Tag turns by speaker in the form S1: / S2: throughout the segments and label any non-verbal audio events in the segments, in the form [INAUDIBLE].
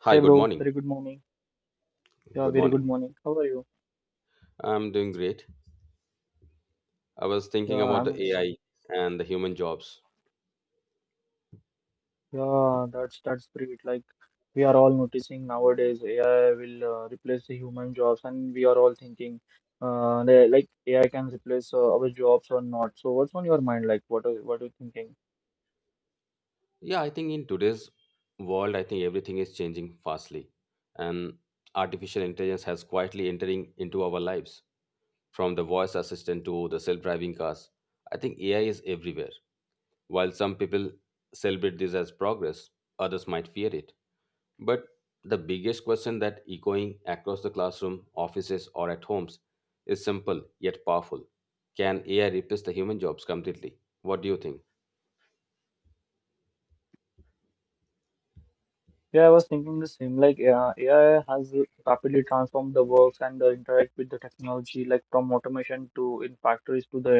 S1: Hi,
S2: Hey
S1: good
S2: bro,
S1: morning.
S2: very good morning. Yeah,
S1: Good
S2: very good
S1: morning.
S2: morning. How are you?
S1: I'm doing great. I was
S2: Yeah,
S1: thinking about
S2: I'm
S1: the
S2: also.
S1: AI and the human jobs.
S2: Yeah, that's pretty good. Like we are all noticing nowadays, AI will replace the human jobs, and we are all thinking, like AI can replace our jobs or not. So what's on your mind? Like what are you thinking?
S1: Yeah, I think in today's world, I think everything is changing fastly, and artificial intelligence has quietly entering into our lives. From the voice assistant to the self-driving cars, I think AI is everywhere. While some people celebrate this as progress, others might fear it. But the biggest question that echoing across the classroom, offices, or at homes is simple yet powerful. Can AI replace the human jobs completely? What do you think?
S2: Yeah, I was thinking the same. Like, AI has rapidly transformed the works and the interact with the technology, like from automation to in factories to the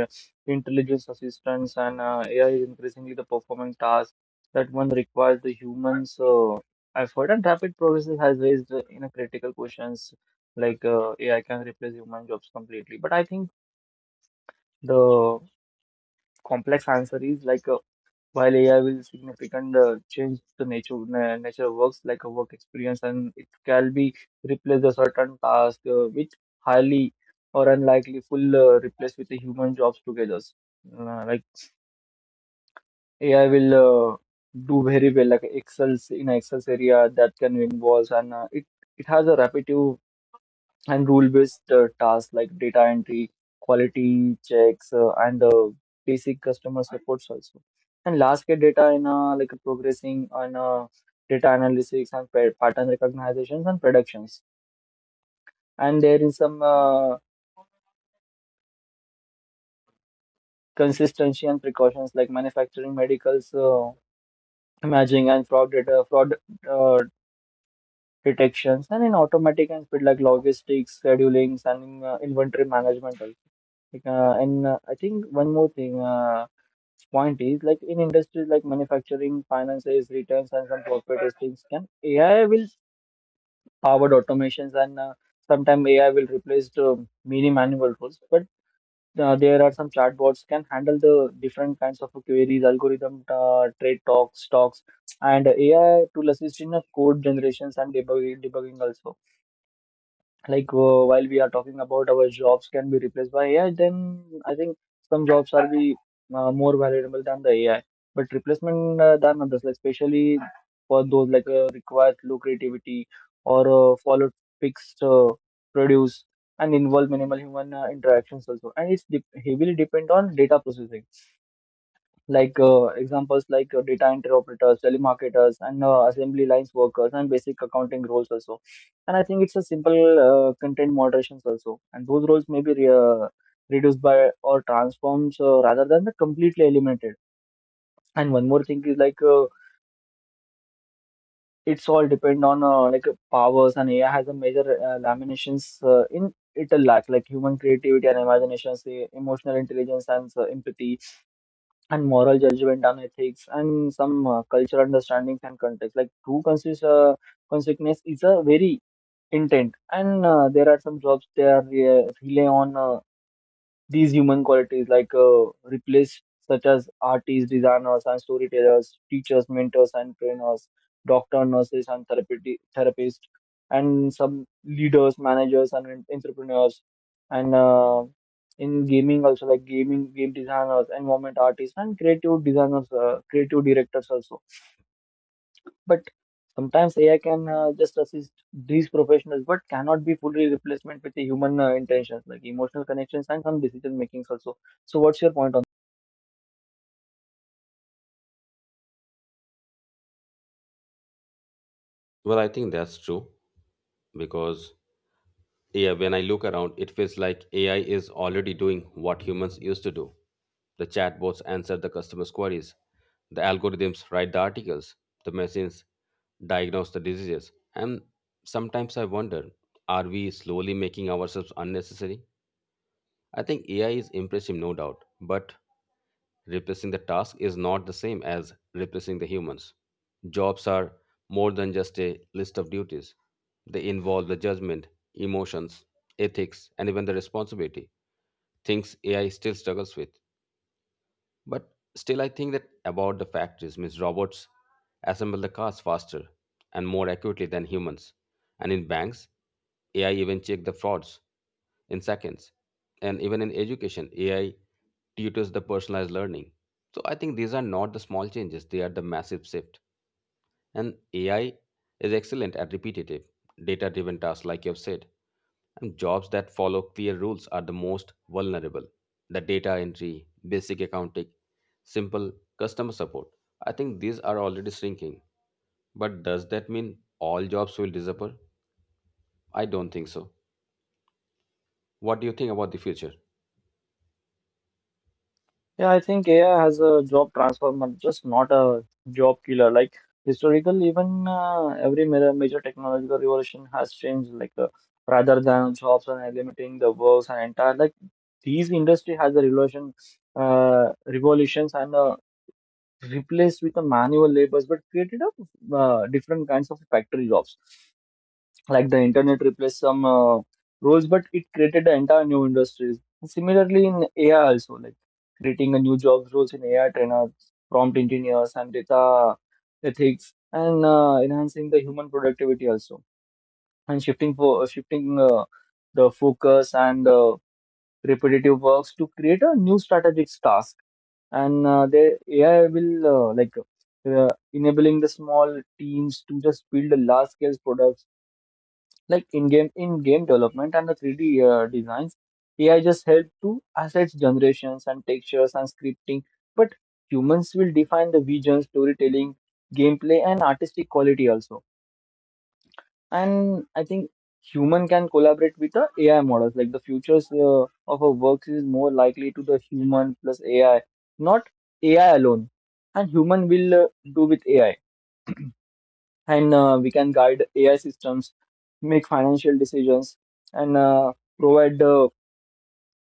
S2: intelligence assistants, and AI is increasingly the performing tasks that one requires the humans. So, effort and rapid progress has raised in a critical questions like AI can replace human jobs completely. But I think the complex answer is like. While AI will significant change the nature works like a work experience and it can be replace a certain task which highly or unlikely full replace with the human jobs together. Like, AI will uh, do very well like excels in Excel area that can involve and uh, it has a repetitive and rule-based tasks like data entry, quality checks, and basic customer supports also. And large-scale data in like progressing on data analytics and pattern recognitions and productions. And there is some consistency and precautions like manufacturing, medicals, imaging, and fraud data, fraud uh, detections, and in automatic and speed like logistics, schedulings, and in, inventory management also. Like, and I think one more thing point is like in industries like manufacturing, finances, returns, and some corporate things, can AI will powered automations and sometimes AI will replace the many manual roles. But there are some chatbots can handle the different kinds of queries, algorithm, trade talks, stocks, and AI to assist in code generations and debugging also like while we are talking about our jobs can be replaced by AI, then I think some jobs are be more valuable than the AI. But replacement than others, like especially for those like requires low creativity or follow fixed produce and involve minimal human interactions also, and heavily depend on data processing like examples like data entry operators, telemarketers, and assembly lines workers, and basic accounting roles also. And I think it's a simple content moderations also. And those roles may be reduced by or transformed rather than the completely eliminated. And one more thing is like it's all depend on powers, and AI has a major laminations in it a lot, like human creativity and imaginations, emotional intelligence, and empathy and moral judgment and ethics and some cultural understandings and context. Like true consciousness is a very intent, and there are some jobs they are rely on. These human qualities, like replace such as artists, designers, and storytellers, teachers, mentors, and trainers, doctor, nurses, and therapeutic therapists, and some leaders, managers, and entrepreneurs, and in gaming also like gaming game designers, environment artists, and creative designers, creative directors also, but sometimes AI can just assist these professionals, but cannot be fully replacement with the human intentions, like emotional connections and some decision makings also. So, what's your point on?
S1: Well, I think that's true because yeah, when I look around, it feels like AI is already doing what humans used to do. The chatbots answer the customers' queries, the algorithms write the articles, the machines diagnose the diseases. And sometimes I wonder, are we slowly making ourselves unnecessary? I think AI is impressive, no doubt, but replacing the task is not the same as replacing the humans. Jobs are more than just a list of duties, they involve the judgment, emotions, ethics, and even the responsibility, things AI still struggles with. But still, I think that about the factories, means robots assemble the cars faster and more accurately than humans. And in banks, AI even check the frauds in seconds. And even in education, AI tutors the personalized learning. So I think these are not the small changes; they are the massive shift. And AI is excellent at repetitive, data driven tasks, like you've said. And jobs that follow clear rules are the most vulnerable. The data entry, basic accounting, simple customer support. I think these are already shrinking. But does that mean all jobs will disappear? I don't think so. What do you think about the future?
S2: Yeah, I think AI has a job transformer, just not a job killer. Like historically, even every major technological revolution has changed. Like, rather than jobs and eliminating the works and entire like these industry has a revolution, revolutions and replaced with the manual labors, but created a different kinds of factory jobs. Like the internet replaced some roles, but it created the entire new industries. Similarly, in AI also, like creating a new jobs roles in AI trainers, prompt engineers, and data ethics, and enhancing the human productivity also, and shifting the focus and repetitive works to create a new strategic task and the AI will enabling the small teams to just build a large scale products like in game development and the 3D designs. AI just help to assets generations and textures and scripting, but humans will define the vision, storytelling, gameplay, and artistic quality also. And I think human can collaborate with the AI models. Like the futures of our work is more likely to the human plus AI, not AI alone. And human will do with AI, and we can guide AI systems, make financial decisions, and provide the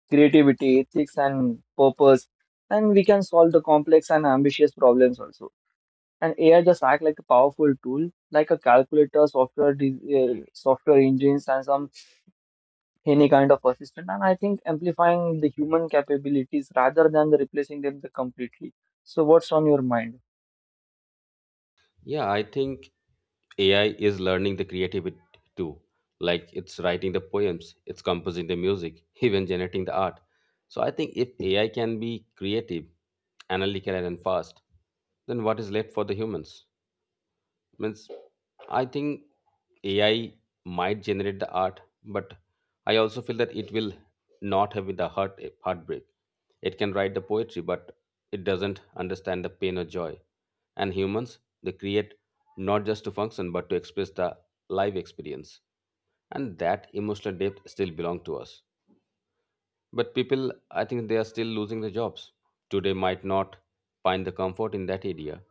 S2: creativity, ethics, and purpose. And we can solve the complex and ambitious problems also. And AI just act like a powerful tool, like a calculator, software, software engines, and some any kind of assistant, and I think amplifying the human capabilities rather than the replacing them the completely. So what's on your mind?
S1: Yeah, I think AI is learning the creativity too. Like it's writing the poems, it's composing the music, [LAUGHS] even generating the art. So I think if AI can be creative, analytical, and fast, then what is left for the humans? Means I think AI might generate the art, but I also feel that it will not have the heart heartbreak. It can write the poetry, but it doesn't understand the pain or joy. And humans, they create not just to function but to express the life experience, and that emotional depth still belong to us. But people, I think they are still losing their jobs. Today might not find the comfort in that area.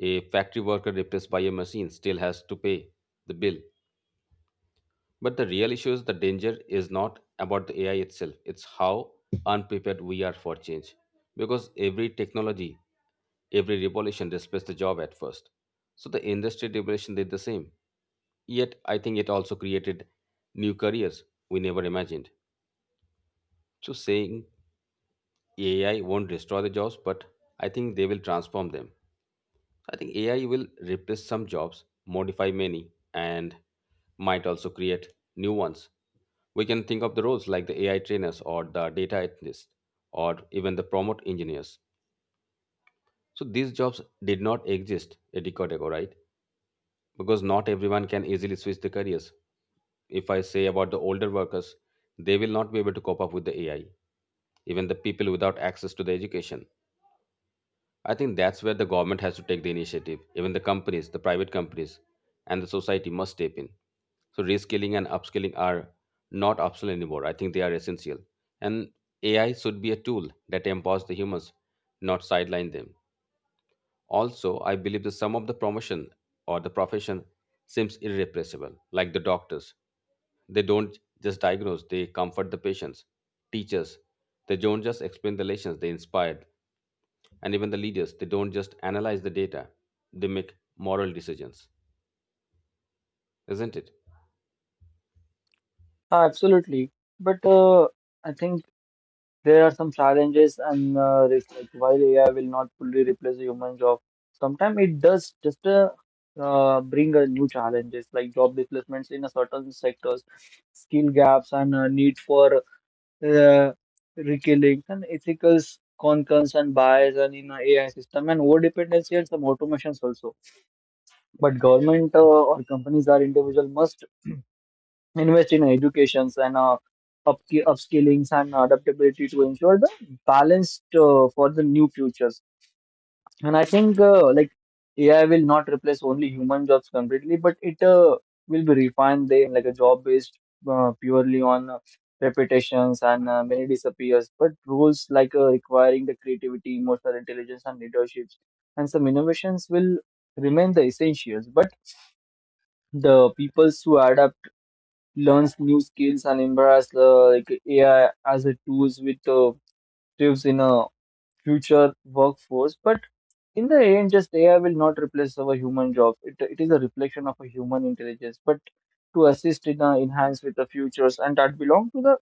S1: A factory worker replaced by a machine still has to pay the bill. But the real issue is the danger is not about the AI itself, it's how unprepared we are for change. Because every technology, every revolution displaces the job at first. So the industry revolution did the same. Yet I think it also created new careers we never imagined. So saying AI won't destroy the jobs, but I think they will transform them. I think AI will replace some jobs, modify many, and might also create new ones. We can think of the roles like the AI trainers or the data analysts or even the prompt engineers. So these jobs did not exist a decade ago, right? Because not everyone can easily switch the careers. If I say about the older workers, they will not be able to cope up with the AI. Even the people without access to the education, I think that's where the government has to take the initiative. Even the companies, the private companies, and the society must step in. So reskilling and upskilling are not optional anymore. I think they are essential. And AI should be a tool that empowers the humans, not sideline them. Also, I believe that some of the promotion or the profession seems irrepressible, like the doctors. They don't just diagnose, they comfort the patients. Teachers, they don't just explain the lessons, they inspire. And even the leaders, they don't just analyze the data, they make moral decisions, isn't it?
S2: Ah, absolutely, but I think there are some challenges and risks like while AI will not fully replace the human job, sometimes it does just bring a new challenges like job displacements in a certain sectors, skill gaps, and need for uh, rekilling and ethical concerns and bias and in a AI system and over dependency and some automations also. But government or companies or individual must invest in educations and up upskillings and adaptability to ensure the balanced for the new futures. And I think like AI will not replace only human jobs completely, but it will be refined then like a job based purely on reputations and many disappears. But roles like requiring the creativity, emotional intelligence, and leaderships, and some innovations will remain the essentials. But the peoples who adapt, learns new skills, and embrace like AI as a tools with tips in a future workforce. But in the end, just AI will not replace our human jobs. It is a reflection of a human intelligence, but to assist in enhance with the futures, and that belong to the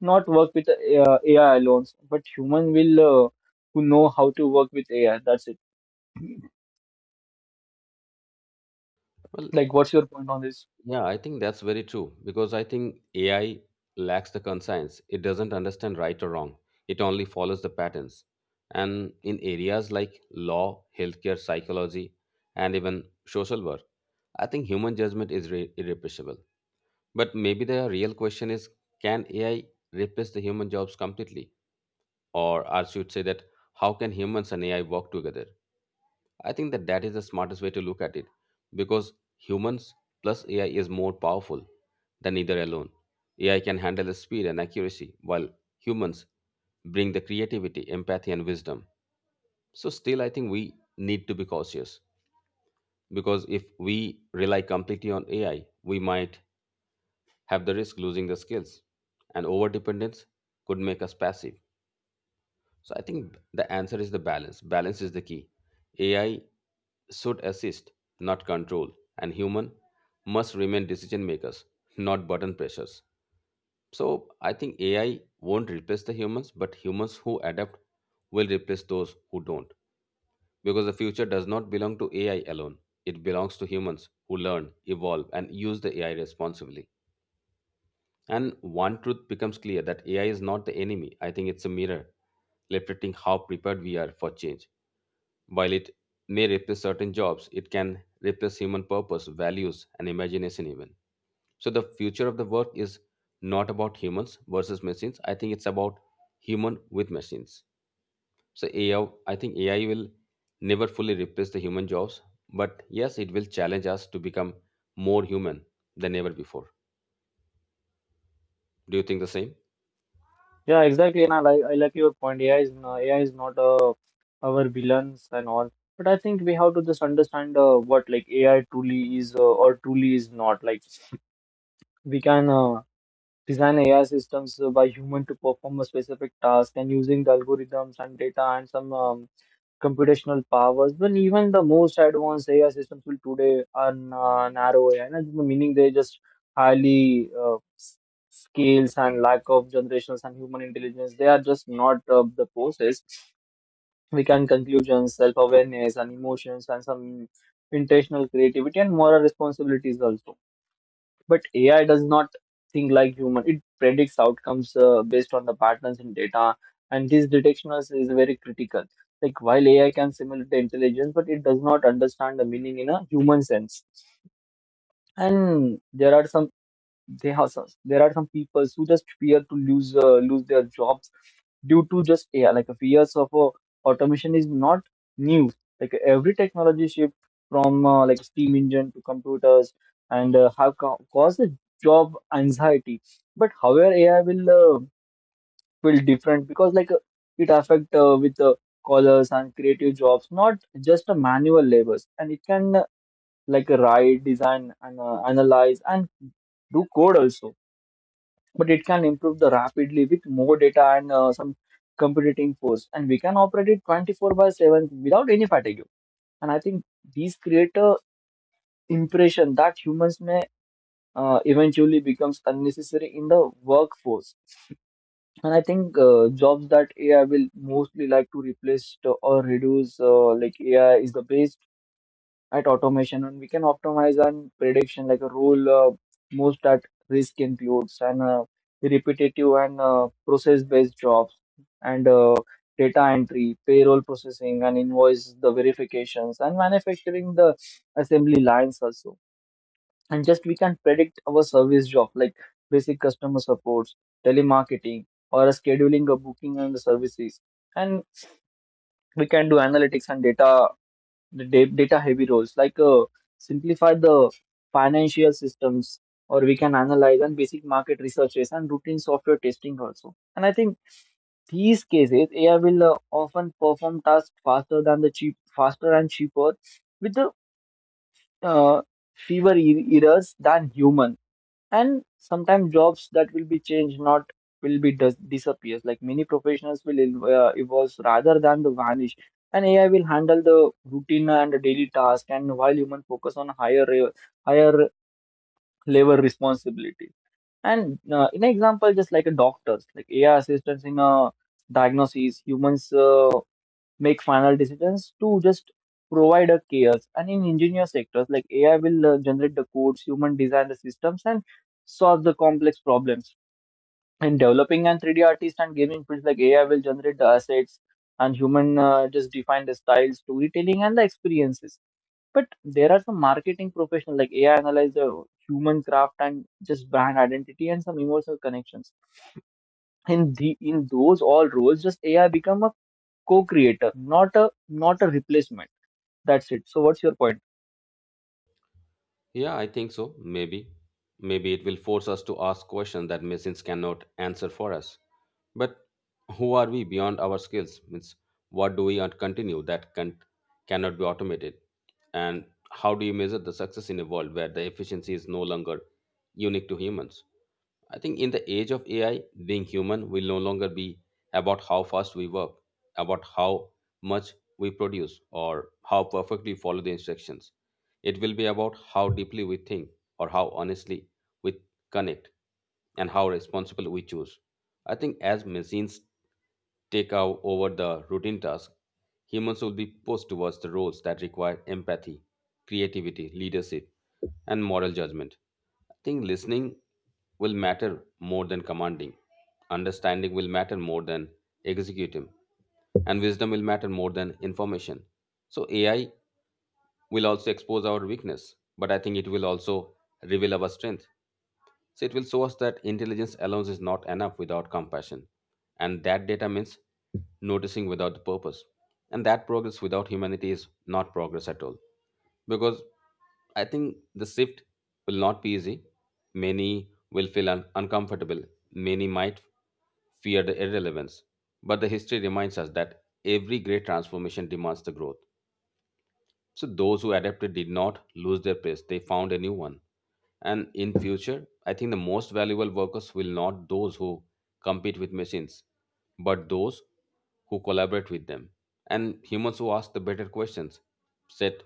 S2: not work with the AI alone, but human will who know how to work with AI. That's it.
S1: Well,
S2: Like, what's your point on this?
S1: yeah, I think that's very true because I think AI lacks the conscience. It doesn't understand right or wrong. It only follows the patterns. And in areas like law, healthcare, psychology, and even social work, I think human judgment is irrepressible. But maybe the real question is, can AI replace the human jobs completely? Or I should say that how can humans and AI work together? I think that that is the smartest way to look at it because humans plus AI is more powerful than either alone. AI can handle the speed and accuracy while humans bring the creativity, empathy, and wisdom. So, still, I think we need to be cautious because if we rely completely on AI, we might have the risk losing the skills, and overdependence could make us passive. So I think the answer is the balance. Balance is the key. AI should assist, not control, and human must remain decision makers, not button pressures. So I think AI won't replace the humans, but humans who adapt will replace those who don't. Because the future does not belong to AI alone. It belongs to humans who learn, evolve, and use the AI responsibly. And one truth becomes clear that AI is not the enemy. I think it's a mirror reflecting how prepared we are for change. While it may replace certain jobs, it can replace human purpose, values, and imagination even. So the future of the work is not about humans versus machines. I think it's about human with machines. So AI, I think AI will never fully replace the human jobs, but yes, it will challenge us to become more human than ever before. Do you think the same?
S2: Yeah, exactly. And I like your point. AI is not our villains and all. But I think we have to just understand what like AI truly is or truly is not. Like we can. Design AI systems by human to perform a specific task and using the algorithms and data and some computational powers. But even the most advanced AI systems will today are narrow AI, and meaning they just highly scales and lack of generations and human intelligence. They are just not the process. We can conclusions, self awareness, and emotions, and some intentional creativity and moral responsibilities also, but AI does not think like human. It predicts outcomes based on the patterns in data, and this detection is very critical. Like while AI can simulate the intelligence, but it does not understand the meaning in a human sense. And there are some people who just fear to lose lose their jobs due to just AI. Like fears of automation is not new. Like every technology shift from like steam engine to computers and have caused a job anxiety. But however, AI will feel different because it affect with callers and creative jobs, not just manual labors, and it can write, design, and analyze and do code also, but it can improve the rapidly with more data and some computing force, and we can operate it 24 by 7 without any fatigue. And I think these create a impression that humans may eventually becomes unnecessary in the workforce. And I think jobs that AI will mostly like to or reduce, like AI is the base at automation and we can optimize and prediction like a rule, most at risk includes and repetitive and process based jobs and data entry, payroll processing, and invoice the verifications, and manufacturing the assembly lines also. And just we can predict our service job like basic customer supports, telemarketing, or scheduling a booking and the services. And we can do analytics and data, the data heavy roles like simplify the financial systems, or we can analyze and basic market researches and routine software testing also. And I think these cases AI will often perform tasks faster than the cheap, faster and cheaper with the uh, fewer errors than human. And sometimes jobs that will be changed, not will be disappears, like many professionals will evolve rather than the vanish. And AI will handle the routine and the daily task, and while human focus on higher higher level responsibility. And in example, just like a doctors, like AI assistance in a diagnosis, humans make final decisions to just provide a chaos. And in engineer sectors, like AI will generate the codes, human design the systems, and solve the complex problems. In developing and 3D artists and gaming fields, like AI will generate the assets and human just define the styles, storytelling, and the experiences. But there are some marketing professionals like AI analyze the human craft and just brand identity and some emotional connections. In the in those all roles, just AI become a co-creator, not a replacement. That's it. So what's your point?
S1: Yeah, I think so. Maybe. Maybe it will force us to ask questions that machines cannot answer for us. But who are we beyond our skills? Means what do we and continue that cannot be automated? And how do you measure the success in a world where the efficiency is no longer unique to humans? I think in the age of AI, being human will no longer be about how fast we work, about how much we produce, or how perfectly we follow the instructions. It will be about how deeply we think, or how honestly we connect, and how responsible we choose. I think as machines take over the routine task, humans will be pushed towards the roles that require empathy, creativity, leadership, and moral judgment. I think listening will matter more than commanding, understanding will matter more than executing, and wisdom will matter more than information. So, AI will also expose our weakness, but I think it will also reveal our strength. So it will show us that intelligence alone is not enough without compassion. And that data means noticing without the purpose. And that progress without humanity is not progress at all. Because I think the shift will not be easy. Many will feel uncomfortable. Many might fear the irrelevance. But the history reminds us that every great transformation demands the growth. So those who adapted did not lose their place. They found a new one. And in future, I think the most valuable workers will not those who compete with machines, but those who collaborate with them. And humans who ask the better questions, set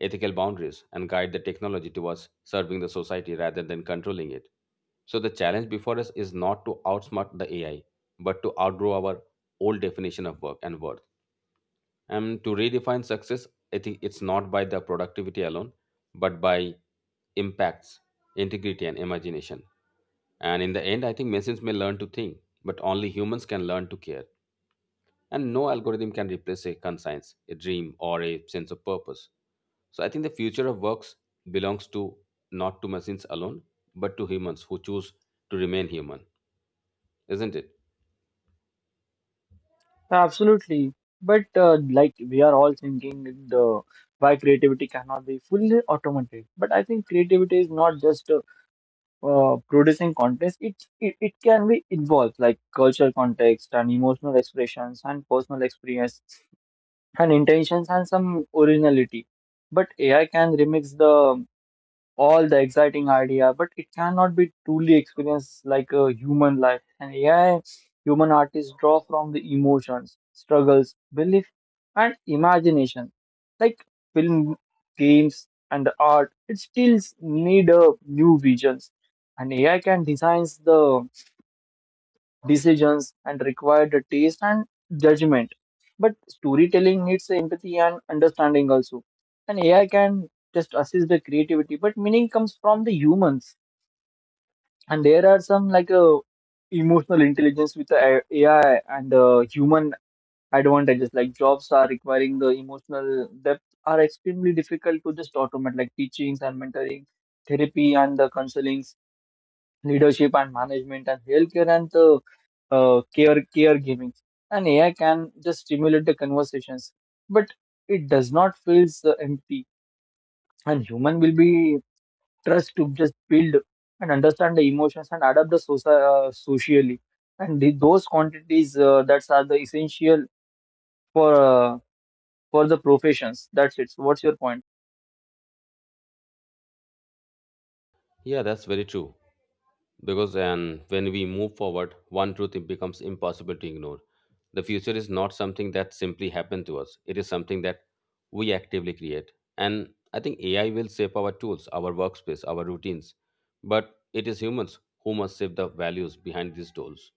S1: ethical boundaries, and guide the technology towards serving the society rather than controlling it. So the challenge before us is not to outsmart the AI, but to outgrow our old definition of work and worth. And to redefine success, I think it's not by the productivity alone, but by impacts, integrity, and imagination. And in the end, I think machines may learn to think, but only humans can learn to care. And no algorithm can replace a conscience, a dream, or a sense of purpose. So I think the future of works belongs to not to machines alone, but to humans who choose to remain human, isn't it?
S2: Absolutely. But like we are all thinking the why creativity cannot be fully automated. But I think creativity is not just producing content. It can be involved like cultural context and emotional expressions and personal experience and intentions and some originality. But AI can remix the all the exciting idea, but it cannot be truly experienced like a human life. And AI, human artists draw from the emotions, struggles, belief, and imagination. Like film, games, and art, it still need a new visions. And AI can designs the decisions and required the taste and judgment. But storytelling needs empathy and understanding also. And AI can just assist the creativity, but meaning comes from the humans. And there are some like emotional intelligence with the AI and human advantages. Like jobs are requiring the emotional depth are extremely difficult to just automate, like teachings and mentoring, therapy and the counseling, leadership and management, and healthcare and the caregiving. And AI can just stimulate the conversations, but it does not feel so empty. And human will be trust to just build and understand the emotions and adapt the socially, and the, those quantities that are the essential for uh, for the professions. That's it. So what's your point?
S1: Yeah, that's very true. Because and when we move forward, one truth it becomes impossible to ignore. The future is not something that simply happened to us. It is something that we actively create. And I think AI will shape our tools, our workspace, our routines. But it is humans who must shape the values behind these tools.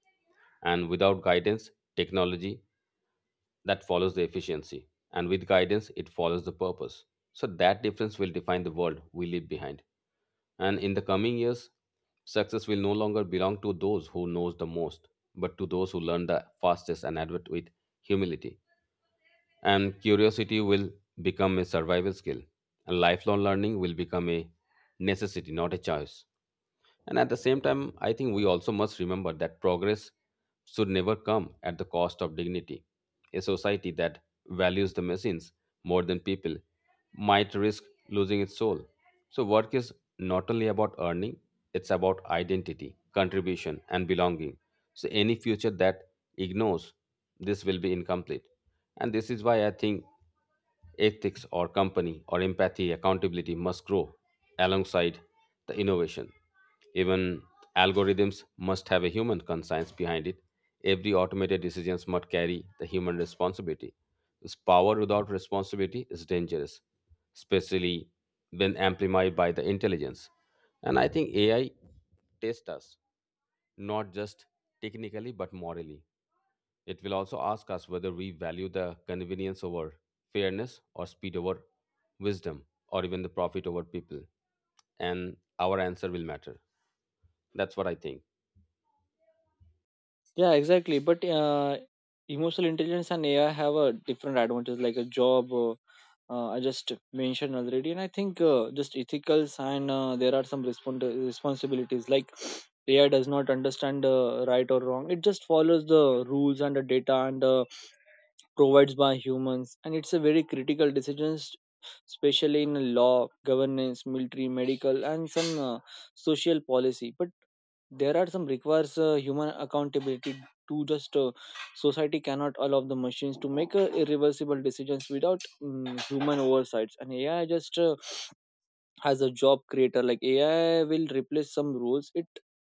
S1: And without guidance, technology that follows the efficiency. And with guidance, it follows the purpose. So that difference will define the world we leave behind. And in the coming years, success will no longer belong to those who knows the most, but to those who learn the fastest and adapt with humility. And curiosity will become a survival skill, and lifelong learning will become a necessity, not a choice. And at the same time, I think we also must remember that progress should never come at the cost of dignity. A society that values the machines more than people might risk losing its soul. So, work is not only about earning, it's about identity, contribution, and belonging. So any future that ignores this will be incomplete. And this is why I think ethics or company or empathy, accountability must grow alongside the innovation. Even algorithms must have a human conscience behind it. Every automated decisions must carry the human responsibility. This power without responsibility is dangerous, especially when amplified by the intelligence. And I think AI tests us not just technically but morally. It will also ask us whether we value the convenience over fairness or speed over wisdom or even the profit over people. And our answer will matter. That's what I think.
S2: Yeah, exactly. But emotional intelligence and AI have a different advantage, like a job. I just mentioned already. And I think just ethicals and there are some responsibilities. Like AI does not understand right or wrong; it just follows the rules and the data and provides by humans, and it's a very critical decisions, especially in law, governance, military, medical, and some social policy. But there are some requires human accountability to just society cannot allow the machines to make irreversible decisions without human oversights. And AI just as a job creator, like AI will replace some roles, it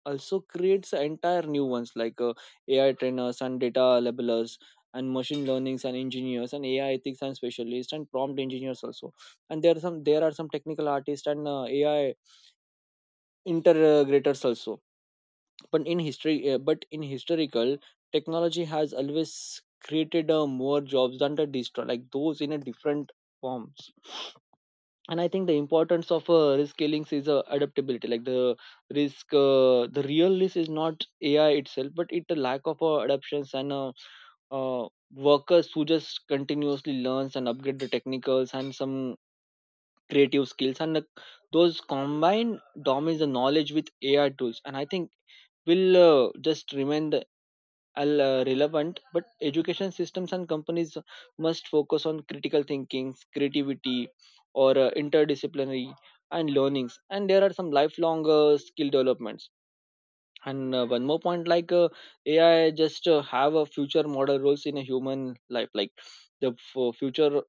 S2: also creates entire new ones like AI trainers and data labelers, and machine learnings and engineers, and AI ethics and specialists, and prompt engineers also. And there are some technical artists and AI integrators also. But in history but in historical, technology has always created more jobs than the destroy, like those in a different forms. And I think the importance of risk scalings is adaptability. Like the real risk is not AI itself, but it the lack of adaptations, and workers who just continuously learns and upgrade the technicals and some creative skills, and the, those combined domains the knowledge with AI tools. And I think will just remain the are relevant, but education systems and companies must focus on critical thinking, creativity, or interdisciplinary and learnings. And there are some lifelong skill developments. And one more point, like AI, just have a future model roles in a human life. Like the future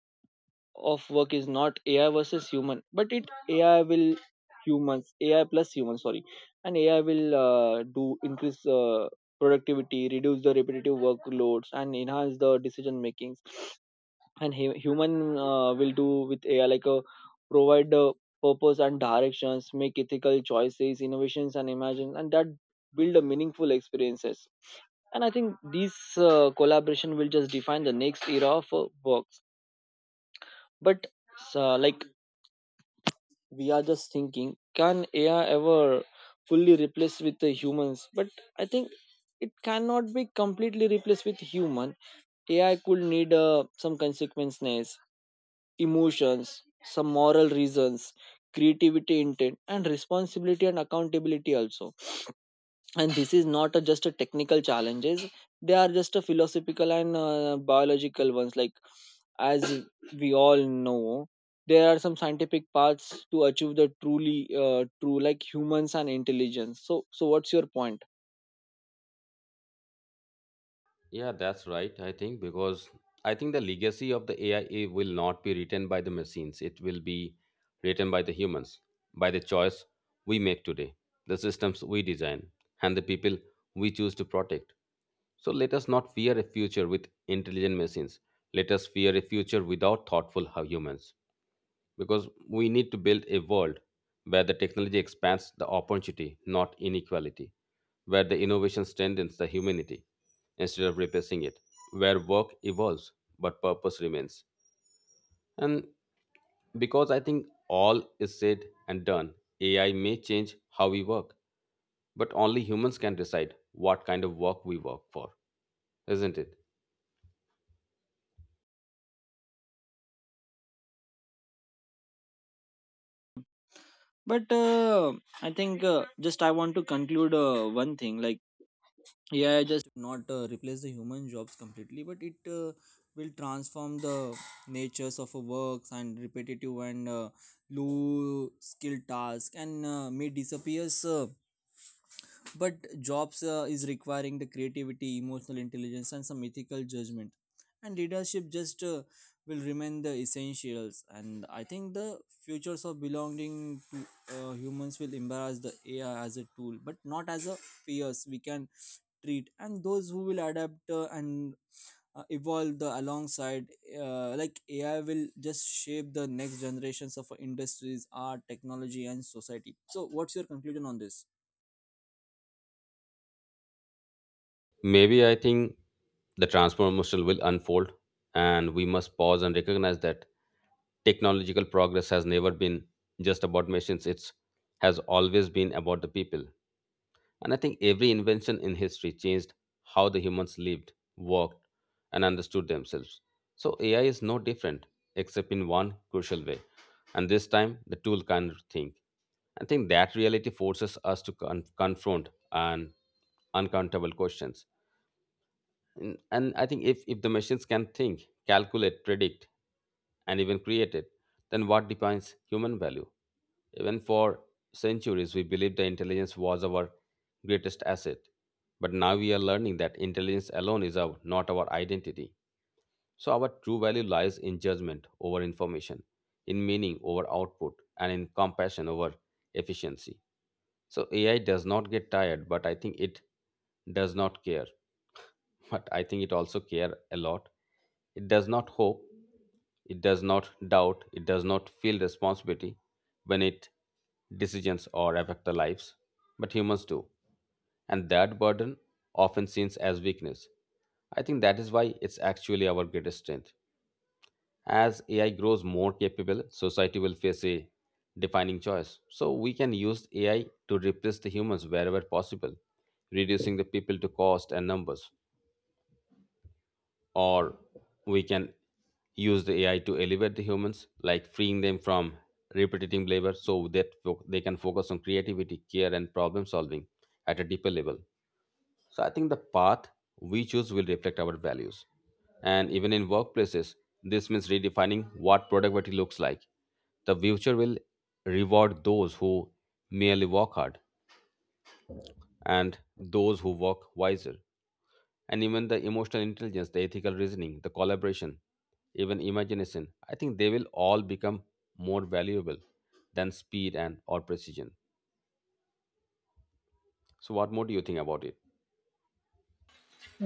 S2: of work is not AI versus human, but it AI plus human, sorry. And AI will do increase productivity, reduce the repetitive workloads, and enhance the decision makings. And human will do with AI like a provide the purpose and directions, make ethical choices, innovations, and imagine, and that build a meaningful experiences. And I think these collaboration will just define the next era of works. But so, like we are just thinking, can AI ever fully replace with the humans? But I think it cannot be completely replaced with human. AI could need some consequences, emotions, some moral reasons, creativity, intent, and responsibility and accountability also. And this is not a, just a technical challenges, they are just a philosophical and biological ones. Like, as we all know, there are some scientific paths to achieve the truly true like humans and intelligence. So so what's your point?
S1: Yeah, that's right. I think because I think the legacy of the AI will not be written by the machines. It will be written by the humans, by the choice we make today, the systems we design, and the people we choose to protect. So let us not fear a future with intelligent machines. Let us fear a future without thoughtful humans, because we need to build a world where the technology expands the opportunity, not inequality, where the innovation strengthens the humanity instead of replacing it, where work evolves but purpose remains. And because I think all is said and done, AI may change how we work, but only humans can decide what kind of work we work for, isn't it?
S2: But I think just I want to conclude one thing. Like, yeah, I just not replace the human jobs completely, but it will transform the natures of a works, and repetitive and low skill task and may disappears, but jobs is requiring the creativity, emotional intelligence, and some ethical judgment and leadership, just will remain the essentials. And I think the futures of belonging to humans will embrace the AI as a tool, but not as a fears we can treat. And those who will adapt and evolve the alongside, like AI will just shape the next generations of industries, art, technology, and society. So what's your conclusion on this?
S1: Maybe I think the transformation will unfold, and we must pause and recognize that technological progress has never been just about machines, it has always been about the people. And I think every invention in history changed how the humans lived, worked, and understood themselves. So AI is no different, except in one crucial way. And this time, the tool can not think. I think that reality forces us to confront and uncountable questions. And I think if the machines can think, calculate, predict, and even create it, then what defines human value? Even for centuries, we believed that intelligence was our greatest asset, but now we are learning that intelligence alone is our not our identity. So our true value lies in judgment over information, in meaning over output, and in compassion over efficiency. So AI does not get tired, but I think it does not care. [LAUGHS] But I think it also care a lot. It does not hope, it does not doubt, it does not feel responsibility when it decisions or affect the lives. But humans do. And that burden often seen as weakness. I think that is why it's actually our greatest strength. As AI grows more capable, society will face a defining choice. So we can use AI to replace the humans wherever possible, reducing the people to cost and numbers. Or we can use the AI to elevate the humans, like freeing them from repetitive labor so that they can focus on creativity, care, and problem solving at a deeper level. So I think the path we choose will reflect our values. And even in workplaces, this means redefining what productivity looks like. The future will reward those who merely work hard and those who work wiser. And even the emotional intelligence, the ethical reasoning, the collaboration, even imagination, I think they will all become more valuable than speed and or precision. So what more do you think about it?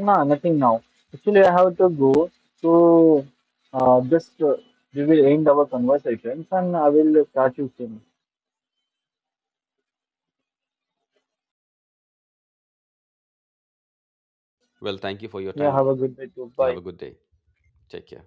S2: Nah, nothing now. Actually, I have to go. So, just we will end our conversations and I will catch you soon.
S1: Well, thank you for your
S2: Yeah,
S1: time.
S2: have a good day too.
S1: You have a
S2: Bye.
S1: good day. Take care.